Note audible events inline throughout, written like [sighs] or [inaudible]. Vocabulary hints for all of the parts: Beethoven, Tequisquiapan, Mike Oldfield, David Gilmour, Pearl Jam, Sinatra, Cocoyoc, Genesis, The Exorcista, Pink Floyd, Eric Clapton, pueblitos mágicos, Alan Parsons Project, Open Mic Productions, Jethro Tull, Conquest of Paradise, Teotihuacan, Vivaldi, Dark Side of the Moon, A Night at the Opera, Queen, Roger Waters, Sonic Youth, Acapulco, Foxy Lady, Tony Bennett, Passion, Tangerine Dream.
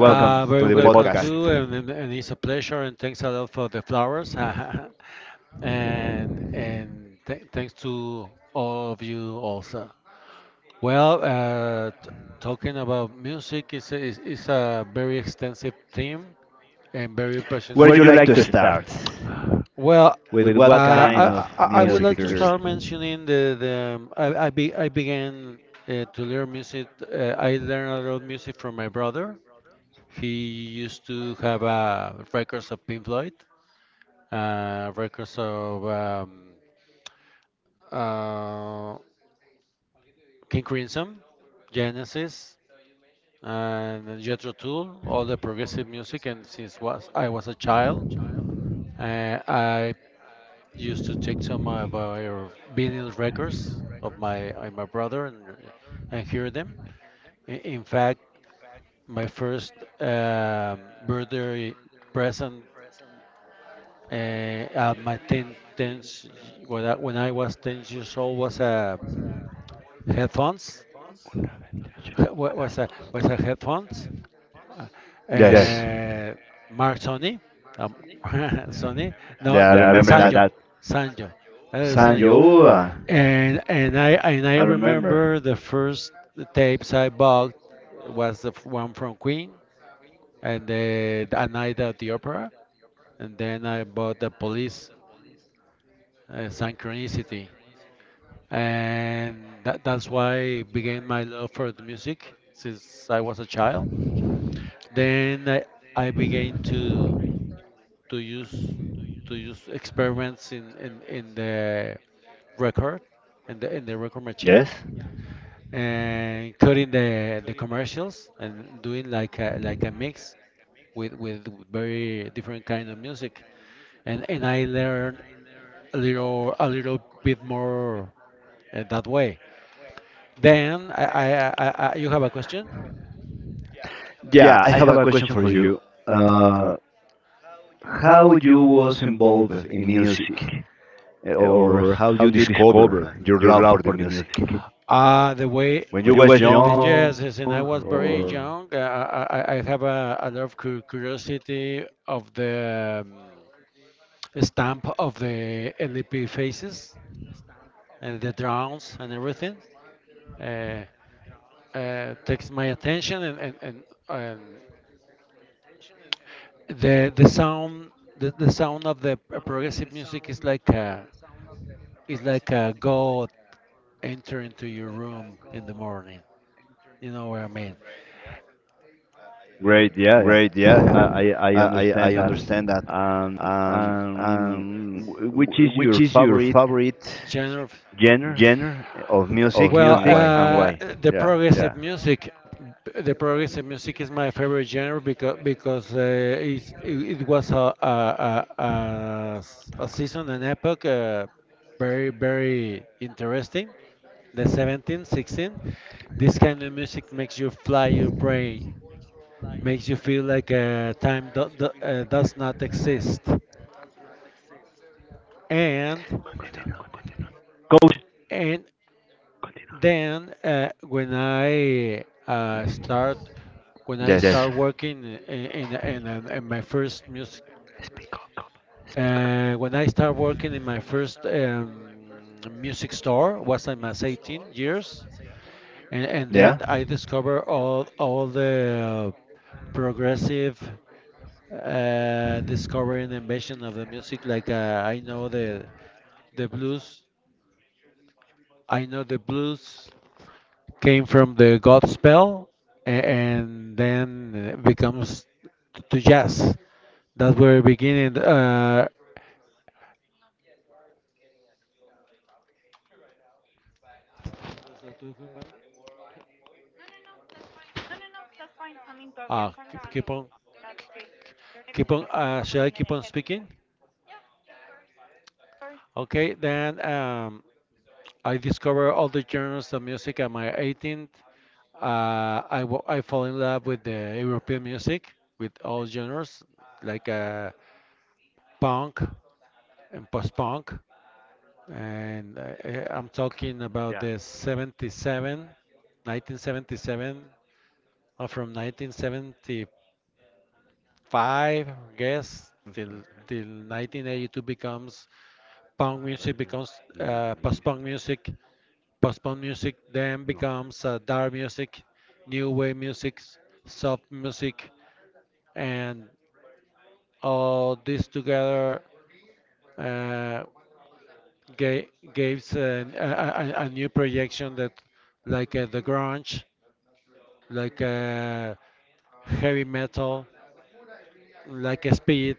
Very welcome too, and, and it's a pleasure, and thanks a lot for the flowers, [laughs] and th thanks to all of you also. Well, t Talking about music is a very extensive theme and very passionate. Well, I would like to start mentioning the I, be, I began to learn music. I learned a lot of music from my brother. He used to have records of Pink Floyd, records of uh, King Crimson, Genesis, and Jethro Tull, all the progressive music. And since was I was a child, I used to take some of our vinyl records of my brother and hear them. In fact, my first birthday present at my 10, 10 sh- when I, when I was 10 years old was a headphones [laughs] was a headphones, uh, Mark Sony, um, [laughs] Sony, no, the, the Sanjo, Sanjo Sanjo. And I remember the first tapes I bought was one from Queen and the A Night at the Opera, and then I bought the Police, Synchronicity, and that's why began my love for the music since I was a child. Then I, I began to use to use experiments in the record in the record machine, and cutting the commercials and doing like a mix with very different kind of music, and I learned a little bit more that way. Then I You have a question? Uh, the way the jazz is, and I was very young. I I have a lot of curiosity of the stamp of the LP faces and the drums and everything. Uh, Takes my attention, and the the sound of the progressive music is like a god enter into your room in the morning. You know what I mean? [sighs] Genre of— well, the progressive music, the progressive music is my favorite genre because it was a season, an epoch, very very interesting. The 17th, 16th, this kind of music makes you fly your brain, makes you feel like time does not exist, and and Then when I start when I start working in my first music, when I start working in my first music store was I was 18 years, and, then I discover all the progressive discovery and invention of the music, like I know the blues. I know the blues came from the God spell, and then becomes to jazz. That's where beginning. Keep on, keep on. Should I keep on speaking? Okay, then, I discovered all the genres of music at my 18th. I fall in love with the European music, with all genres, like punk and post-punk. And I'm talking about the 77, 1977, or from 1975, I guess, till 1982 becomes punk music, becomes uh, post-punk music, post-punk music then becomes dark music, new wave music, soft music, and all this together. Uh, ga- Gives a new projection that, like the grunge, like heavy metal, like a speed,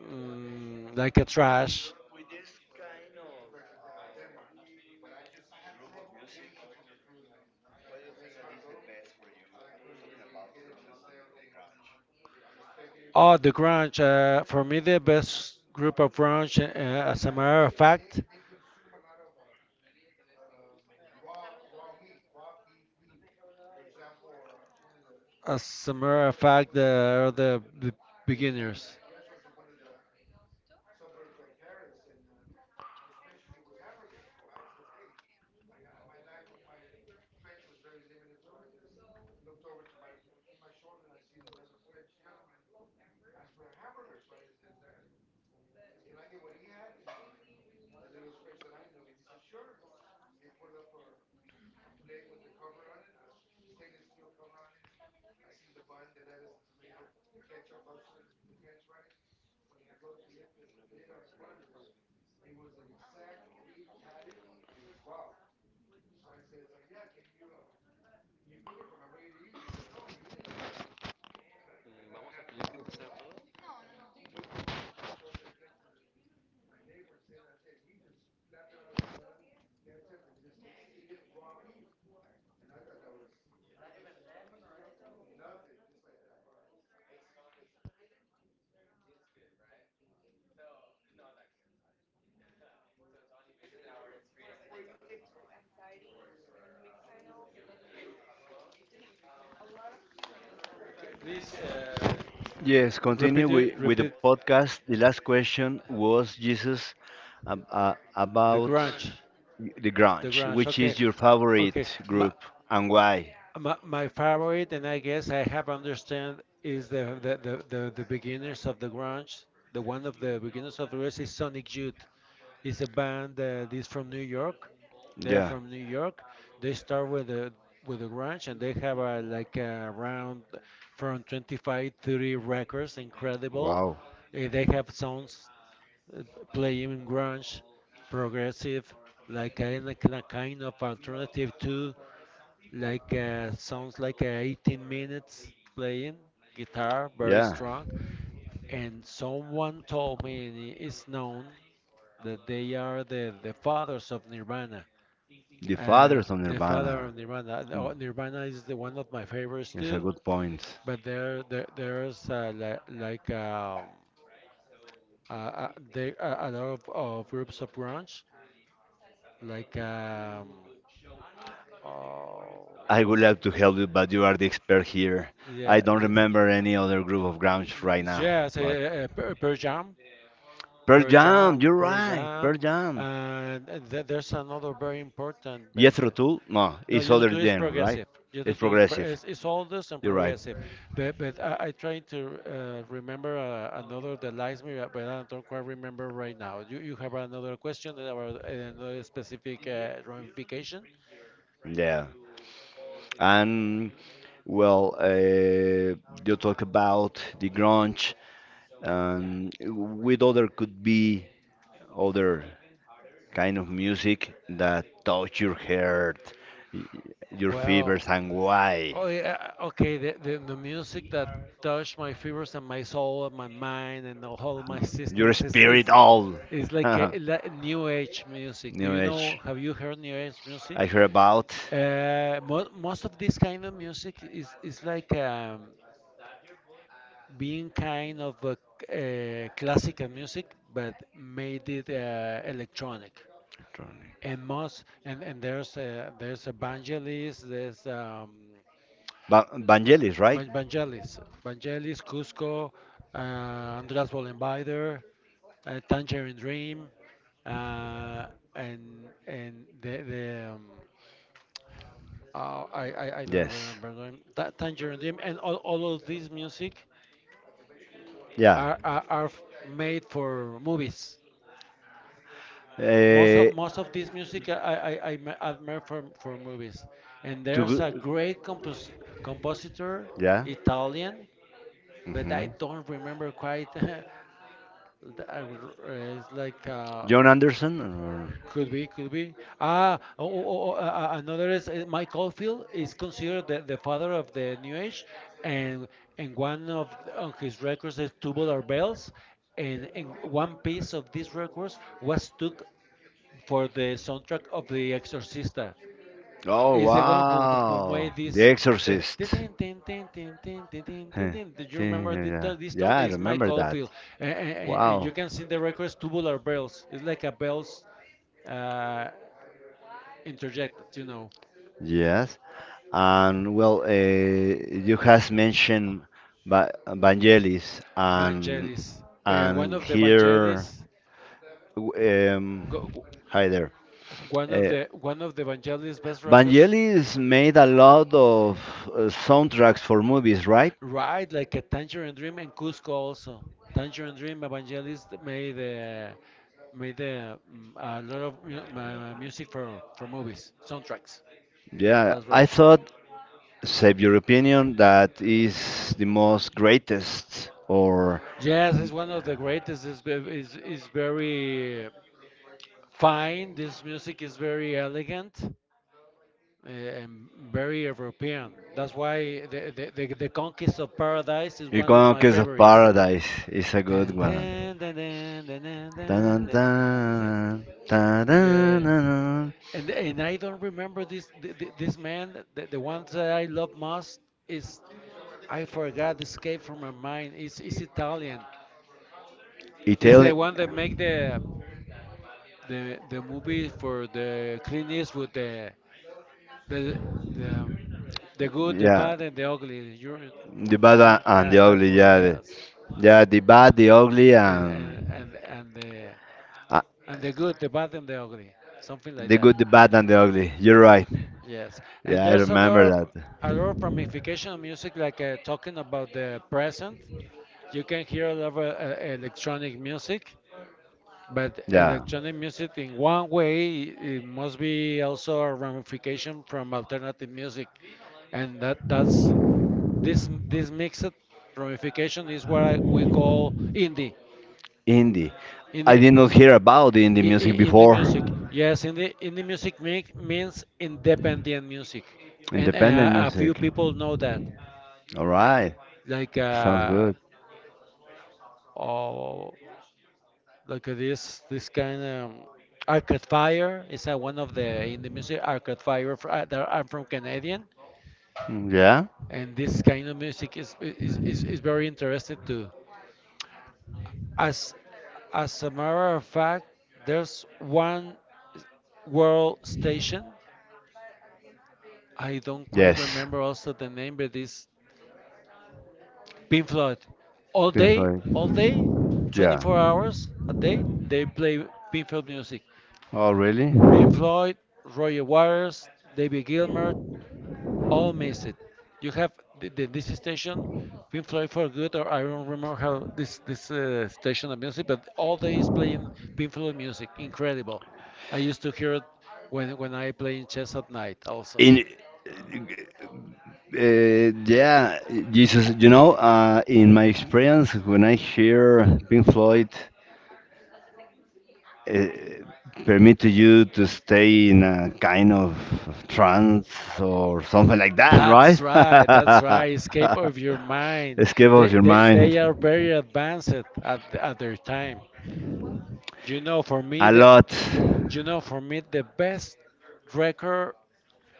mm, like a trash. Oh, the grunge. For me, the best group of grunge, as a matter of fact, as a matter of fact, are the beginners. Okay, please, repeat it, repeat the grunge. The grunge. Okay, okay. My favorite, and I guess I have understand, is the beginners of the grunge. The one of the beginners of the rest is Sonic Youth. It's a band this from New York, they're from New York. They start with the grunge, and they have a, like a around from 25 30 records, incredible. They have songs uh, playing grunge, progressive, like a kind of alternative too, like sounds like 18 minutes playing guitar very strong. And someone told me, and it is known, that they are the fathers of nirvana, uh, the father of Nirvana. Oh, Nirvana is the one of my favorites too. But there there's there are a lot of groups of grunge, like oh, yeah, yes. Yes, Pearl Jam, Pearl Jam, and there's another very important, but no, just do is progressive. Just do is it's oldest and progressive. But I trying to remember another that likes me, but I don't quite remember right now. You have another question about another specific ramification? Well, oh yeah, okay. The music that touch my fibers and my soul and my mind and the whole my systems is like new age music. Do you know? Have you heard new age music? Mo Most of this kind of music is like being kind of a, uh, classical music, but made it electronic. And most, and there's a, there's evangelists, there's Vangelis, Vangelis, Cusco, Andreas Bollenbinder, Tangerine Dream, uh, and the oh, I I don't remember the name. Tangerine Dream, and all of this music are made for movies. Most of this music I admire for movies. And there's a great compositor, Italian, but I don't remember quite. [laughs] It's like could be, could be. Ah, oh, oh, oh, oh, uh, Another is Mike Oldfield is considered the father of the New Age, and one of on his records is Tubular Bells, and one piece of these records was took for the soundtrack of The Exorcista. Is the one who made this, the tin tin tin tin tin tin tin tin tin. Do you remember the, this tone? Is Mike Oldfield, and you can see in the records tubular bells. It's like a bells, uh, interjected, you know. Vangelis, one of the Vangelis. Go, go- One of the Vangelis' best records, right? Like a Tangerine Dream and Cusco also. Tangerine Dream, Vangelis made a lot of music for movies, soundtracks. That's right. Yes, it's one of the greatest. Is very fine. This music is very elegant, very European. That's why the Conquest of Paradise is one of my Iconoclast of favorites. Paradise is a good Dun, one. dun, dun, dun, dun, dun, Dun, dun, dun, dun, dun. Sí. dun, dun, dun, Yes. dun. And I don't remember this this man. The one that I love most is, I forgot, escape from my mind. It's Italian. It's the Italian, one that make the the movie for the Clint Eastwood, the The the um, the good, the yeah, bad, and the ugly. You the bad a- remember, and the yeah, that ugly, movie? yeah, the, Yes. yeah, the bad, the ugly, And and and and and the uh, and the good, the bad, and the ugly. Something like the that. good, the bad, and the ugly. You're right. Yes. And Yeah, I there's a lot remember of that. Ramification of music, like talking about the present. You can hear a lot of electronic music, but Yeah, electronic music, in one way, it must be also a ramification from alternative music, and that's this mixed ramification is what we call indie. indie. In I the did not hear about indie music indie music, before. yes, indie music make, means independent music, and Independent a few music. people know that. All right. Like Sounds good. oh, like this kind of Arcade Fire is one of the indie music. Arcade Fire, they I'm from Canadian, Mm, yeah? and this kind of music is very interesting to. As a matter of fact, there's one world station. I don't quite Yes. remember also the name, but it's Pink Floyd. Pink All Floyd. day, Yeah. 24 hours a day, they play Pink Floyd music. Oh, really? Pink Floyd, Roger Waters, David Gilmour, all miss it. You have this station, Pink Floyd for Good, or I don't remember how this station of music, but all day is playing Pink Floyd music. Incredible. I used to hear it when I play in chess at night also. In yeah, Jesus, you know, in my experience, when I hear Pink Floyd uh, permit you to stay in a kind of trance or something like that, right? That's right, that's right. Escape of your [laughs] mind. Escape of your They mind. are very advanced at their time. You know, for me A the lot. you know, for me, the best record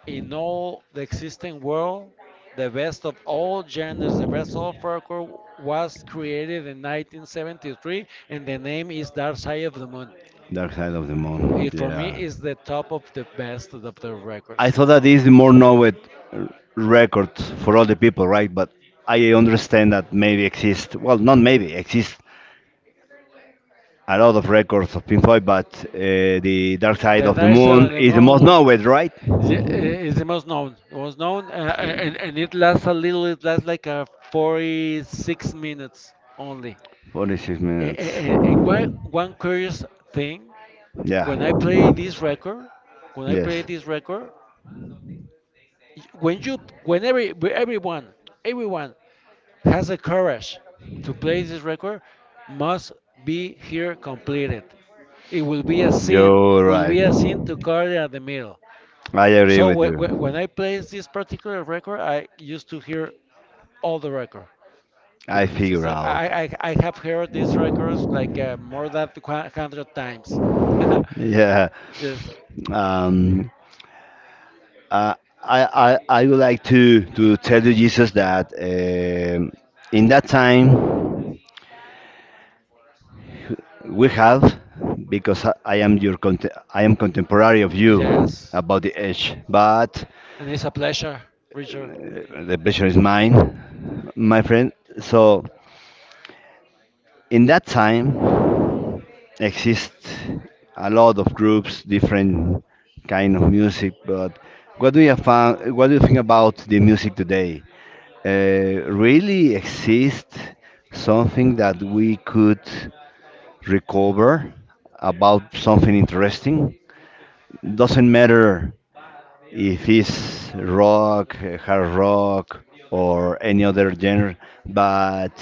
in all the existing world, the best of all genres, the best of folklore was created in 1973, and the name is Dark Side of the Moon. Dark Side of the Moon. It, for me, Yeah. is the top of the best of the I records. thought that this is the more known record for all the people, right? But I understand that maybe exist, well, not maybe, exist a lot of records of Pink Floyd, but the Dark Side The of the Dark Side Moon of the is the most Moon. known, right? Yeah, is the most known, and it lasts a little. It lasts like 46 minutes only. 46 minutes. And And one curious thing, Yeah. when I play this record, when I play Yes, this record, when you, when every everyone, everyone has the courage to play this record, must be here completed. It will be a sin, you're will right. be a sin to cut it at the middle. I agree So with when you. I play this particular record, I used to hear all the record I because figure I, out. I I I have heard these records like more than 100 times. [laughs] Yeah. Yes. Um, I, I would like to tell you, Jesus, that in that time we have, because I am your I am contemporary of you Yes. about the age, but And it's a pleasure, Richard. uh, the pleasure is mine, my friend. So in that time, exist a lot of groups, different kind of music. But what do you found? What do you think about the music today? Really exist something that we could recover about something interesting? Doesn't matter if it's rock, hard rock, or any other genre. But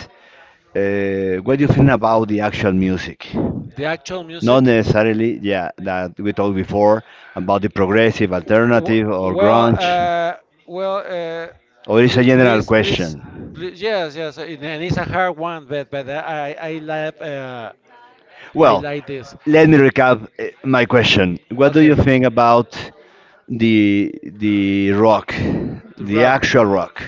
uh, what do you think about the actual music? The actual Not music? necessarily, yeah, that we talked before about the progressive, W- alternative, or Well, grunge. uh, well, Or it's a please, general please, please, question. please, yes, yes, and it's a hard one, but I like I Well, like this. let me recap my question. What do Okay, you think about the rock, the the rock. actual rock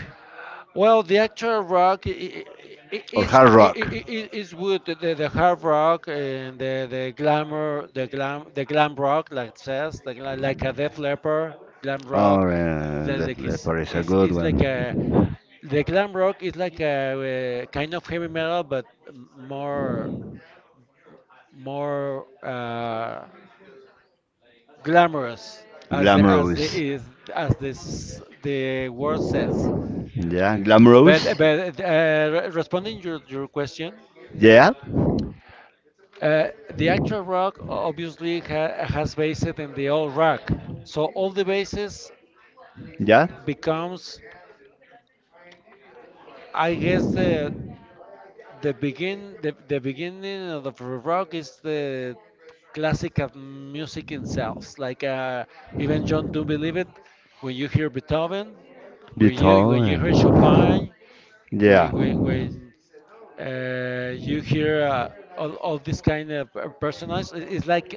Well, the actual rock or hard rock? Is good. The hard rock and the glamour, the glam rock, like it says, like a Def Leppard, glam rock, Oh, yeah, like that, like that is part is a is good is like a one. Kind of heavy metal, but more glamorous as the Glamorous. is as this the word says. Yeah, But glamorous. but uh, responding your question, Yeah, uh, the actual rock obviously ha has based in the old rock, so all the bases yeah. becomes, I guess the beginning of the rock is the classical music itself. Like even John Don't Believe It, when you hear Beethoven, The when you time. hear Chopin, Yeah. When you hear all this kind of personalized. it- It's like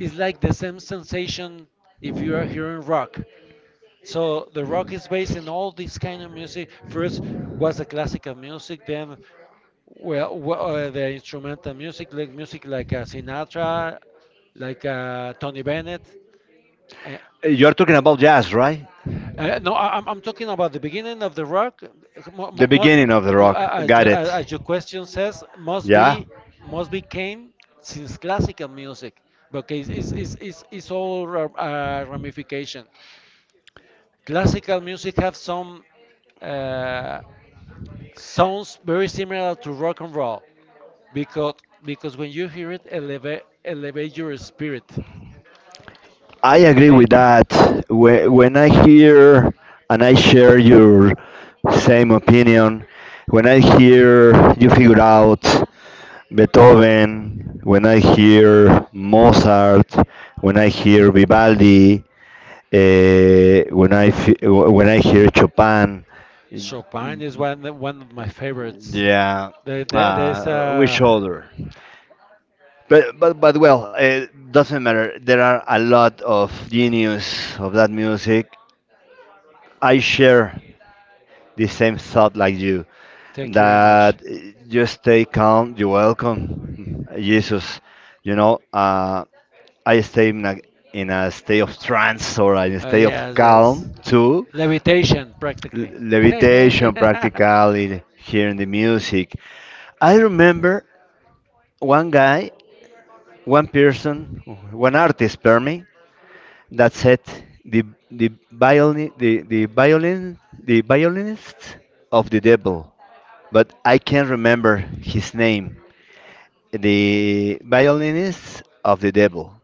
it's like the same sensation if you are hearing rock. So the rock is based in all this kind of music. First was the classical music, then well, the instrumental music like Sinatra, like Tony Bennett, a- You're talking about jazz, right? no, I'm talking about the beginning of the rock. The Most, beginning of the rock. as Got as it. as your question says, must Yeah. be came since classical music because it's all ramification. Classical music have some uh, sounds very similar to rock and roll because because when you hear it, elevate your spirit, I agree with make. that. When I hear and I share your same opinion, when I hear you figure out Beethoven, when I hear Mozart, when I hear Vivaldi, when I when I hear Chopin, Chopin is one of my favorites. yeah, There's which a. other? But well, it doesn't matter. There are a lot of genius of that music, I share the same thought like you Thank you very much. that you stay calm, you welcome Jesus. You know, I stay in a state of trance or in a state of Yes, yes. calm too. Levitation, L- practically. [laughs] levitation uh, practically, hearing the music. I remember one guy, one person, one artist, per me, that said the the violin, the violin, the violinist of the devil, but I can't remember his name. The violinist of the devil.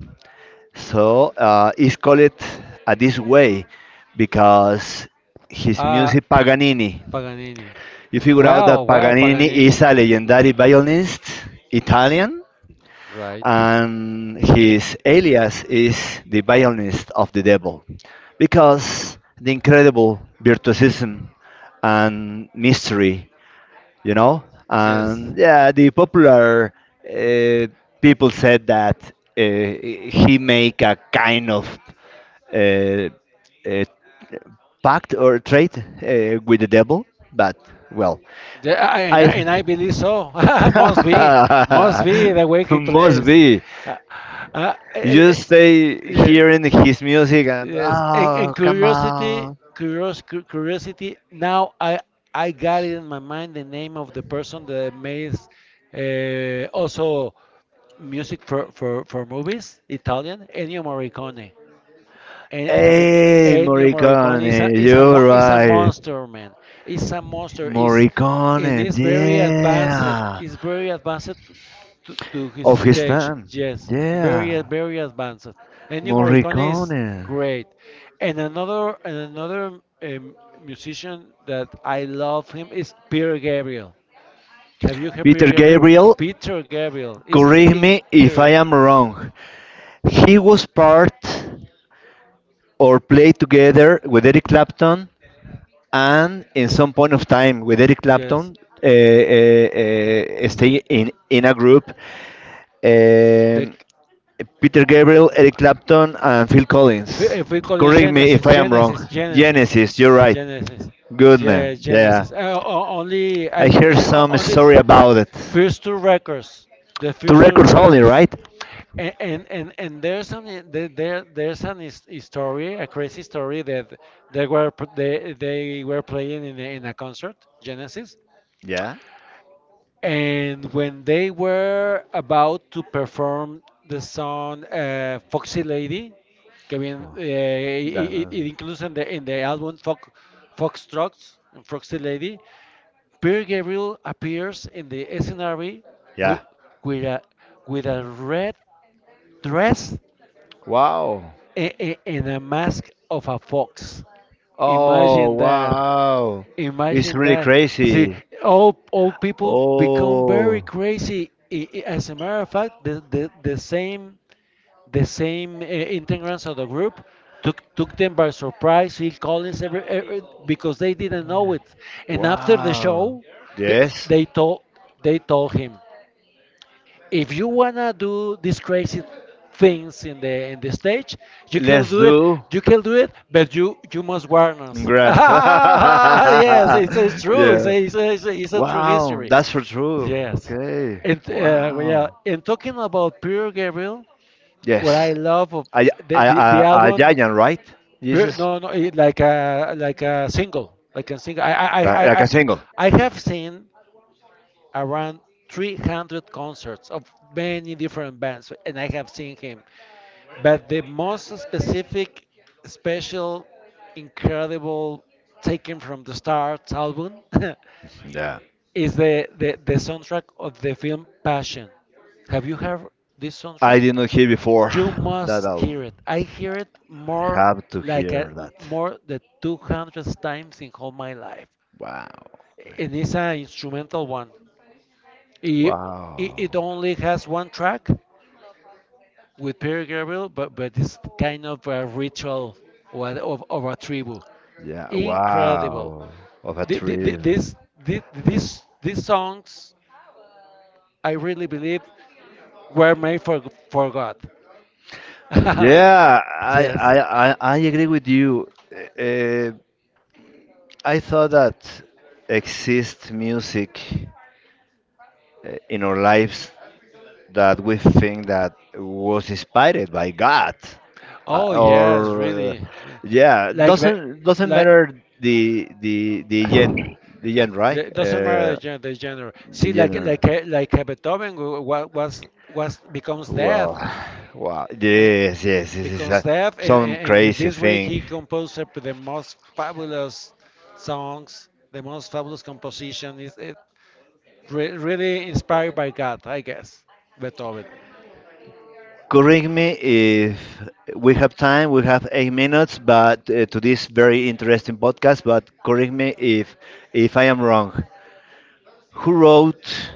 So it's called it this way because his music Paganini. Paganini. You figure out that Well, Paganini is Paganini. a legendary violinist, Italian, Right. and his alias is the violinist of the devil because the incredible virtuosism and mystery, you know? Yes. And yeah, the popular uh, people said that he make a kind of uh, uh, pact or trade with the devil, but well, The, I- and, I- I and I believe so. [laughs] Must be, must be the way [laughs] he must plays. be. Uh, uh, eh, eh, You eh, stay yeah. hearing his music and Yes, and, oh and come on. Curiosity. Now I got it in my mind the name of the person that makes also music for movies, Italian, Ennio Morricone. And have you, Hey Ennio Morricone Morricone, you're is a right. monster, man. It's a monster. Is And Morricone, it's very advanced. yeah, It's very advanced to his of his stage. time, Yes, yeah, very, very advanced. Ennio Morricone is Morricone. great. And another musician that I love him is Peter Gabriel. Have you heard Peter Peter Gabriel? Gabriel, Peter Gabriel is correct me if I incredible. am wrong. He was part or played together with Eric Clapton, and in some point of time with Eric Yes. Clapton, uh, uh, stay in a group. The Um, Peter Gabriel, Eric Clapton and Phil Collins. Fui con Correct me Genesis, if I am Genesis, wrong. Genesis, Genesis, you're right. Genesis. Good Yeah, man. Yeah. Genesis. Only I I get hear it, some story about it. first two records, the Two first two records only, records. right? And there's an his story, a crazy story that they were playing in in a concert, Genesis. Yeah. And when they were about to perform the song "Foxy Lady," Four. That- it includes in the album Fox, Foxtrots and Foxy Lady, Peter Gabriel appears in the scenario with yeah. with a red dress Wow. And a mask of a fox. Oh, Imagine that. wow. It's Imagine really that. See, crazy. all people become very Oh. crazy. As a matter of fact, the same integrants of the group took them by surprise. Phil Collins, every, because they didn't know it. And after the Wow. show, they Yes. they told they told him if you wanna do these crazy things in the stage, you can Let's do it. do You can do it, but you must warn us. [laughs] grants. [laughs] Yes, it's true. Yeah. It's a true Wow. history. That's for true. Yes, Okay. and, well, yeah. Wow. And talking about Peter Gabriel, what Yes. I love of A, the a album. giant, right? Pure, Jesus. no, no, it, like a single, like a single. I I I Like I a I single. I have seen around 300 concerts of many different bands, and I have seen him. But the most specific, special, incredible, taken from the stars album [laughs] Yeah. is the soundtrack of the film Passion. Have you heard this I soundtrack? did not hear before You that must hear album. it. I hear it I more have to hear that. more than 200 times in all my life. Wow. And it's an instrumental one. It, it Wow. only has one track with Peter Gabriel, but it's kind of a ritual or of a tribu. Yeah. Incredible. Wow. Of a The, the, the, thrill. this, these songs, I really believe, were made for God. [laughs] Yeah, I Yes. I I agree with you. Uh, I thought that exists music in our lives that we think that was inspired by God, Oh yes, or really, really. yeah, Like, but- doesn't like. matter the the the gen [sighs] the gen right Yeah, it doesn't matter the genre. the See, like gender. like uh, like uh, Beethoven was becomes deaf, Well, [sighs] wow, and yes, yes, this is becomes a, deaf, some and in crazy this way thing. he composed up the most fabulous songs, the most fabulous composition. Is it re really inspired by God, I guess, Beethoven. Correct me if we have time. We have 8 minutes, but to this very interesting podcast. But correct me if I am wrong. Who wrote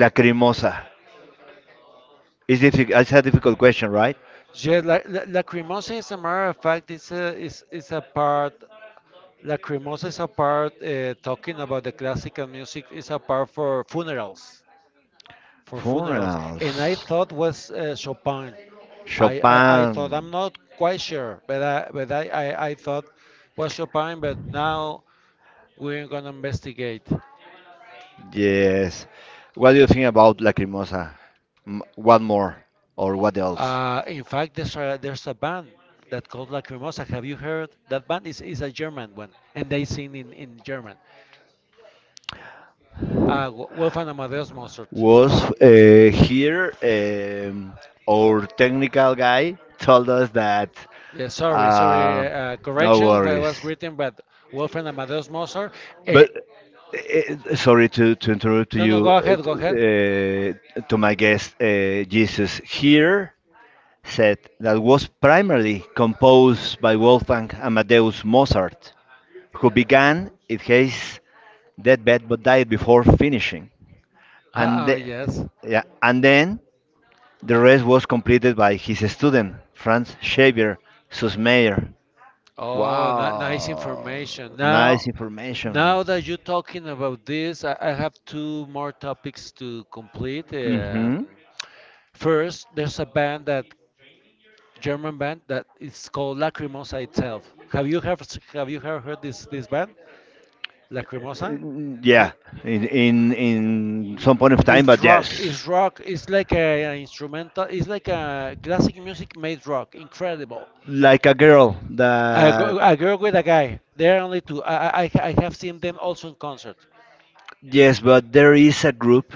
Lacrimosa? It's a difficult question, right? Yeah, Lacrimosa, as a matter of fact, is a part. Lacrimosa is a part talking about the classical music is a part for funerals, for funerals. And I Funerals. thought was Chopin. I Chopin. thought I'm not quite sure, but I, I thought was Chopin. But now we're gonna investigate. Yes. What do you think about Lacrimosa? What more? Or what else? In fact, there's a band that called Lacrimosa. Have you heard that band? Is a German one, and they sing in German. Wolfgang Amadeus Mozart. Was here our technical guy told us that Yeah, sorry, sorry. Uh, uh, uh, no correction. Was worries. written by Wolfgang Amadeus Mozart. Eh, But sorry to interrupt no, no. you, Go ahead. Go ahead. To my guest, Jesus here said that was primarily composed by Wolfgang Amadeus Mozart, who began at his deathbed but died before finishing. And, Ah, oh, the, yes. yeah, and then the rest was completed by his student, Franz Xavier Sussmayr. Oh, nice Wow, information. nice Now, information. now that you're talking about this, I have two more topics to complete. Hmm. First, there's a band that German band that is called Lacrimosa itself. Have you ever heard this band? Lacrimosa? Yeah, in some point of time, It's but rock. yes, It's rock. It's like a instrumental. It's like a classic music made rock. Incredible. like a girl that A girl with a guy. There are only two. I have seen them also in concert. yes, but there is a group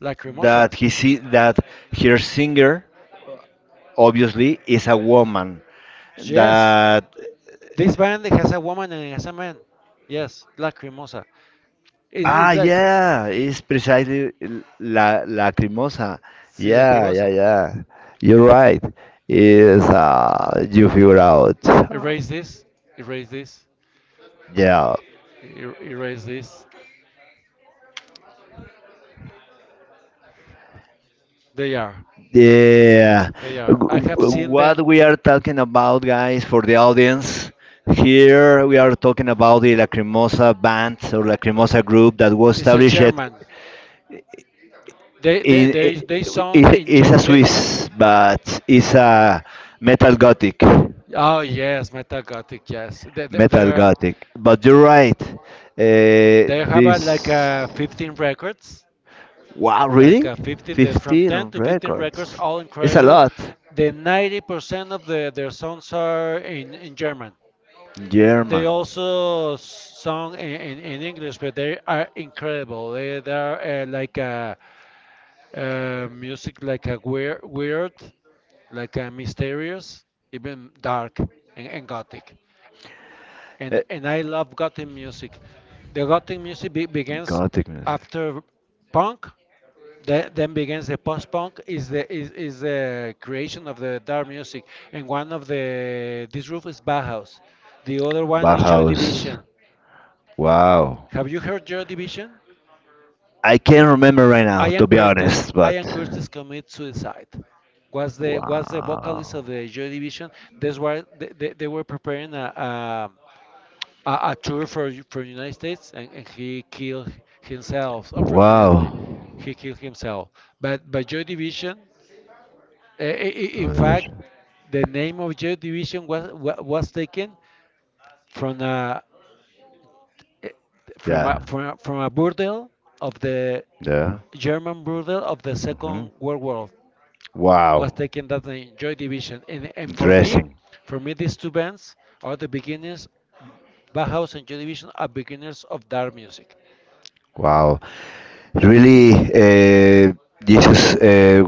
That Lacrimosa. that he see that her singer obviously is a woman Yes. that. This band has a woman and has a man. Yes, Lacrimosa. It's Ah, like, yeah, it's precisely la lacrimosa. sí, Yeah, yeah, Lacrimosa. yeah. You're right. Is you figure out? Erase this, erase this, Yeah. Erase this. They are. Yeah. They are. I W- have w- seen them. What we are talking about, guys, for the audience here, we are talking about the Lacrimosa band or Lacrimosa group that was It's a established in. German. They i- sound in It's a they. Swiss, but it's a metal gothic. Oh yes, metal gothic. Yes, they they Metal they're- Gothic. But you're right. they have like This a 15 records, wow, like really? a 15. They from 15 10 to 15 records, records. all It's a incredible. lot. The 90% of their songs are in German. They German. also song in English, but they are incredible. They are like music like a weird, weird, like a mysterious, even dark and gothic. And Uh, and I love gothic music. The gothic music begins Gothic music. after punk, then begins the post-punk is is the creation of the dark music. And one of the this roof is Bauhaus. The other one is Joy Bauhaus. Division. Wow. Have you heard Joy Division? I can't remember right now, Ian to be Curtis. honest, but. Ian Curtis commits suicide. Was the vocalist of Wow. the Joy Division. That's why they were preparing a tour for for United States, and he killed himself. Unfortunately, Wow. he killed himself. But Joy Division, in fact, Revolution. the name of Joy Division was taken from eh, Yeah. From a burdel of the Yeah. German burdel of the Hmm. Second World War. Was Wow. taken that in Joy Division. And Interesting. for me, these two bands are the beginners. Bauhaus and Joy Division are beginners of dark music. Wow. Really, uh, Jesus.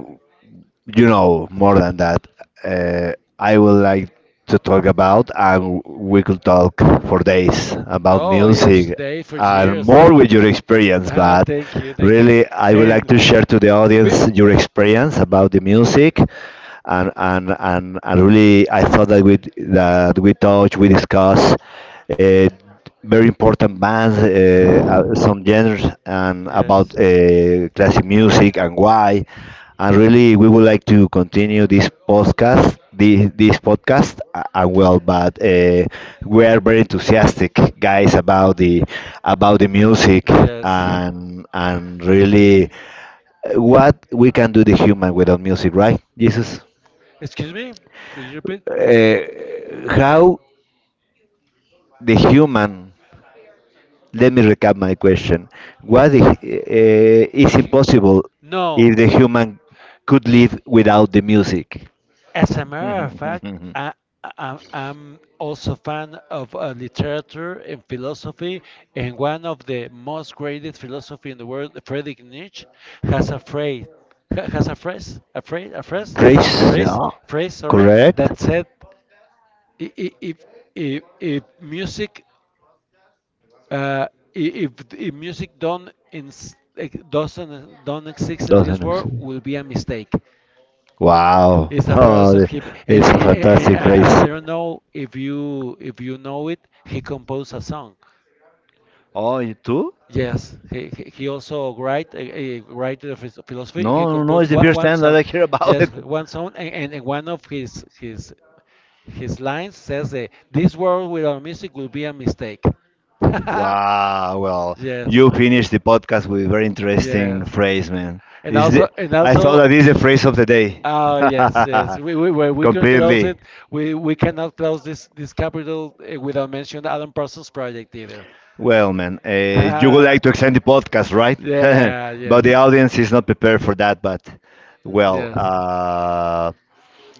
You know more than that, uh, I would like to talk about, and we could talk for days about Oh yes, music they for and years. more with your experience, Ah, but thank you, thank you. really I would like And to share to the be- audience your experience about the music. And really I thought that we touch, we discuss uh, very important bands, some genres, and yes. about classic music and why, and really we would like to continue this podcast, this podcast, and well but we are very enthusiastic guys about the music. Yes. And really, what we can do the human without music, right, Jesus? Excuse me? Could you repeat? How the human, let me recap my question, what the, is impossible if the human could live without the music. As a matter of fact, I, [laughs] I'm also fan of literature and philosophy, and one of the most greatest philosophy in the world, Friedrich Nietzsche, has breast a phrase, has a phrase, yeah, phrase, sorry, correct. that said, "I- i- if if if music, uh, if music don't ins- like, doesn't don't exist in this Doesn't world, exist. will be a mistake." Wow. is It's afraid Oh, also him, it's a and fantastic I, I race. I don't know if you know it. He composed a song. Oh, you too? Yes, he also write a writer of philosophy. He No, no, no. composed It's the one first one time that song, I hear about it. yes, one song, and one of his lines says, "This world without music will be a mistake." [laughs] Wow, well, Yes, you finished the podcast with a very interesting yes, phrase, man. and This is the, also and I thought also. that is the phrase of the day. Oh yes, yes. We we we, [laughs] we can close Completely. it. We cannot close this capital without mentioning Alan Parsons Project either. Well, man, you would like to extend the [laughs] podcast, right? [laughs] Yeah, but yes. the audience is not prepared for that. But well, Yes.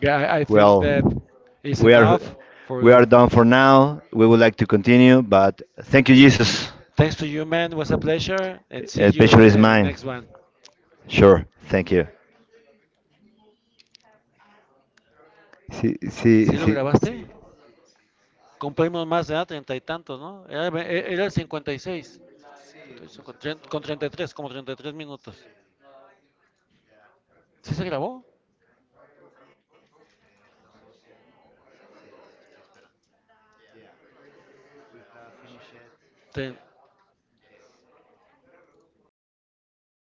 Yeah, I think well, that is we are, enough we are for. done for now. We would like to continue, but thank you, Jesus. Thanks to you, man. It was a pleasure. And see A you in pleasure is in the mine. next one. Sure, thank you. See, see, ¿Sí lo see. grabaste? Cumplimos más de edad, treinta y tantos, ¿no? Era el cincuenta y seis. Con 33, como 33 minutos. ¿Sí se grabó? Te-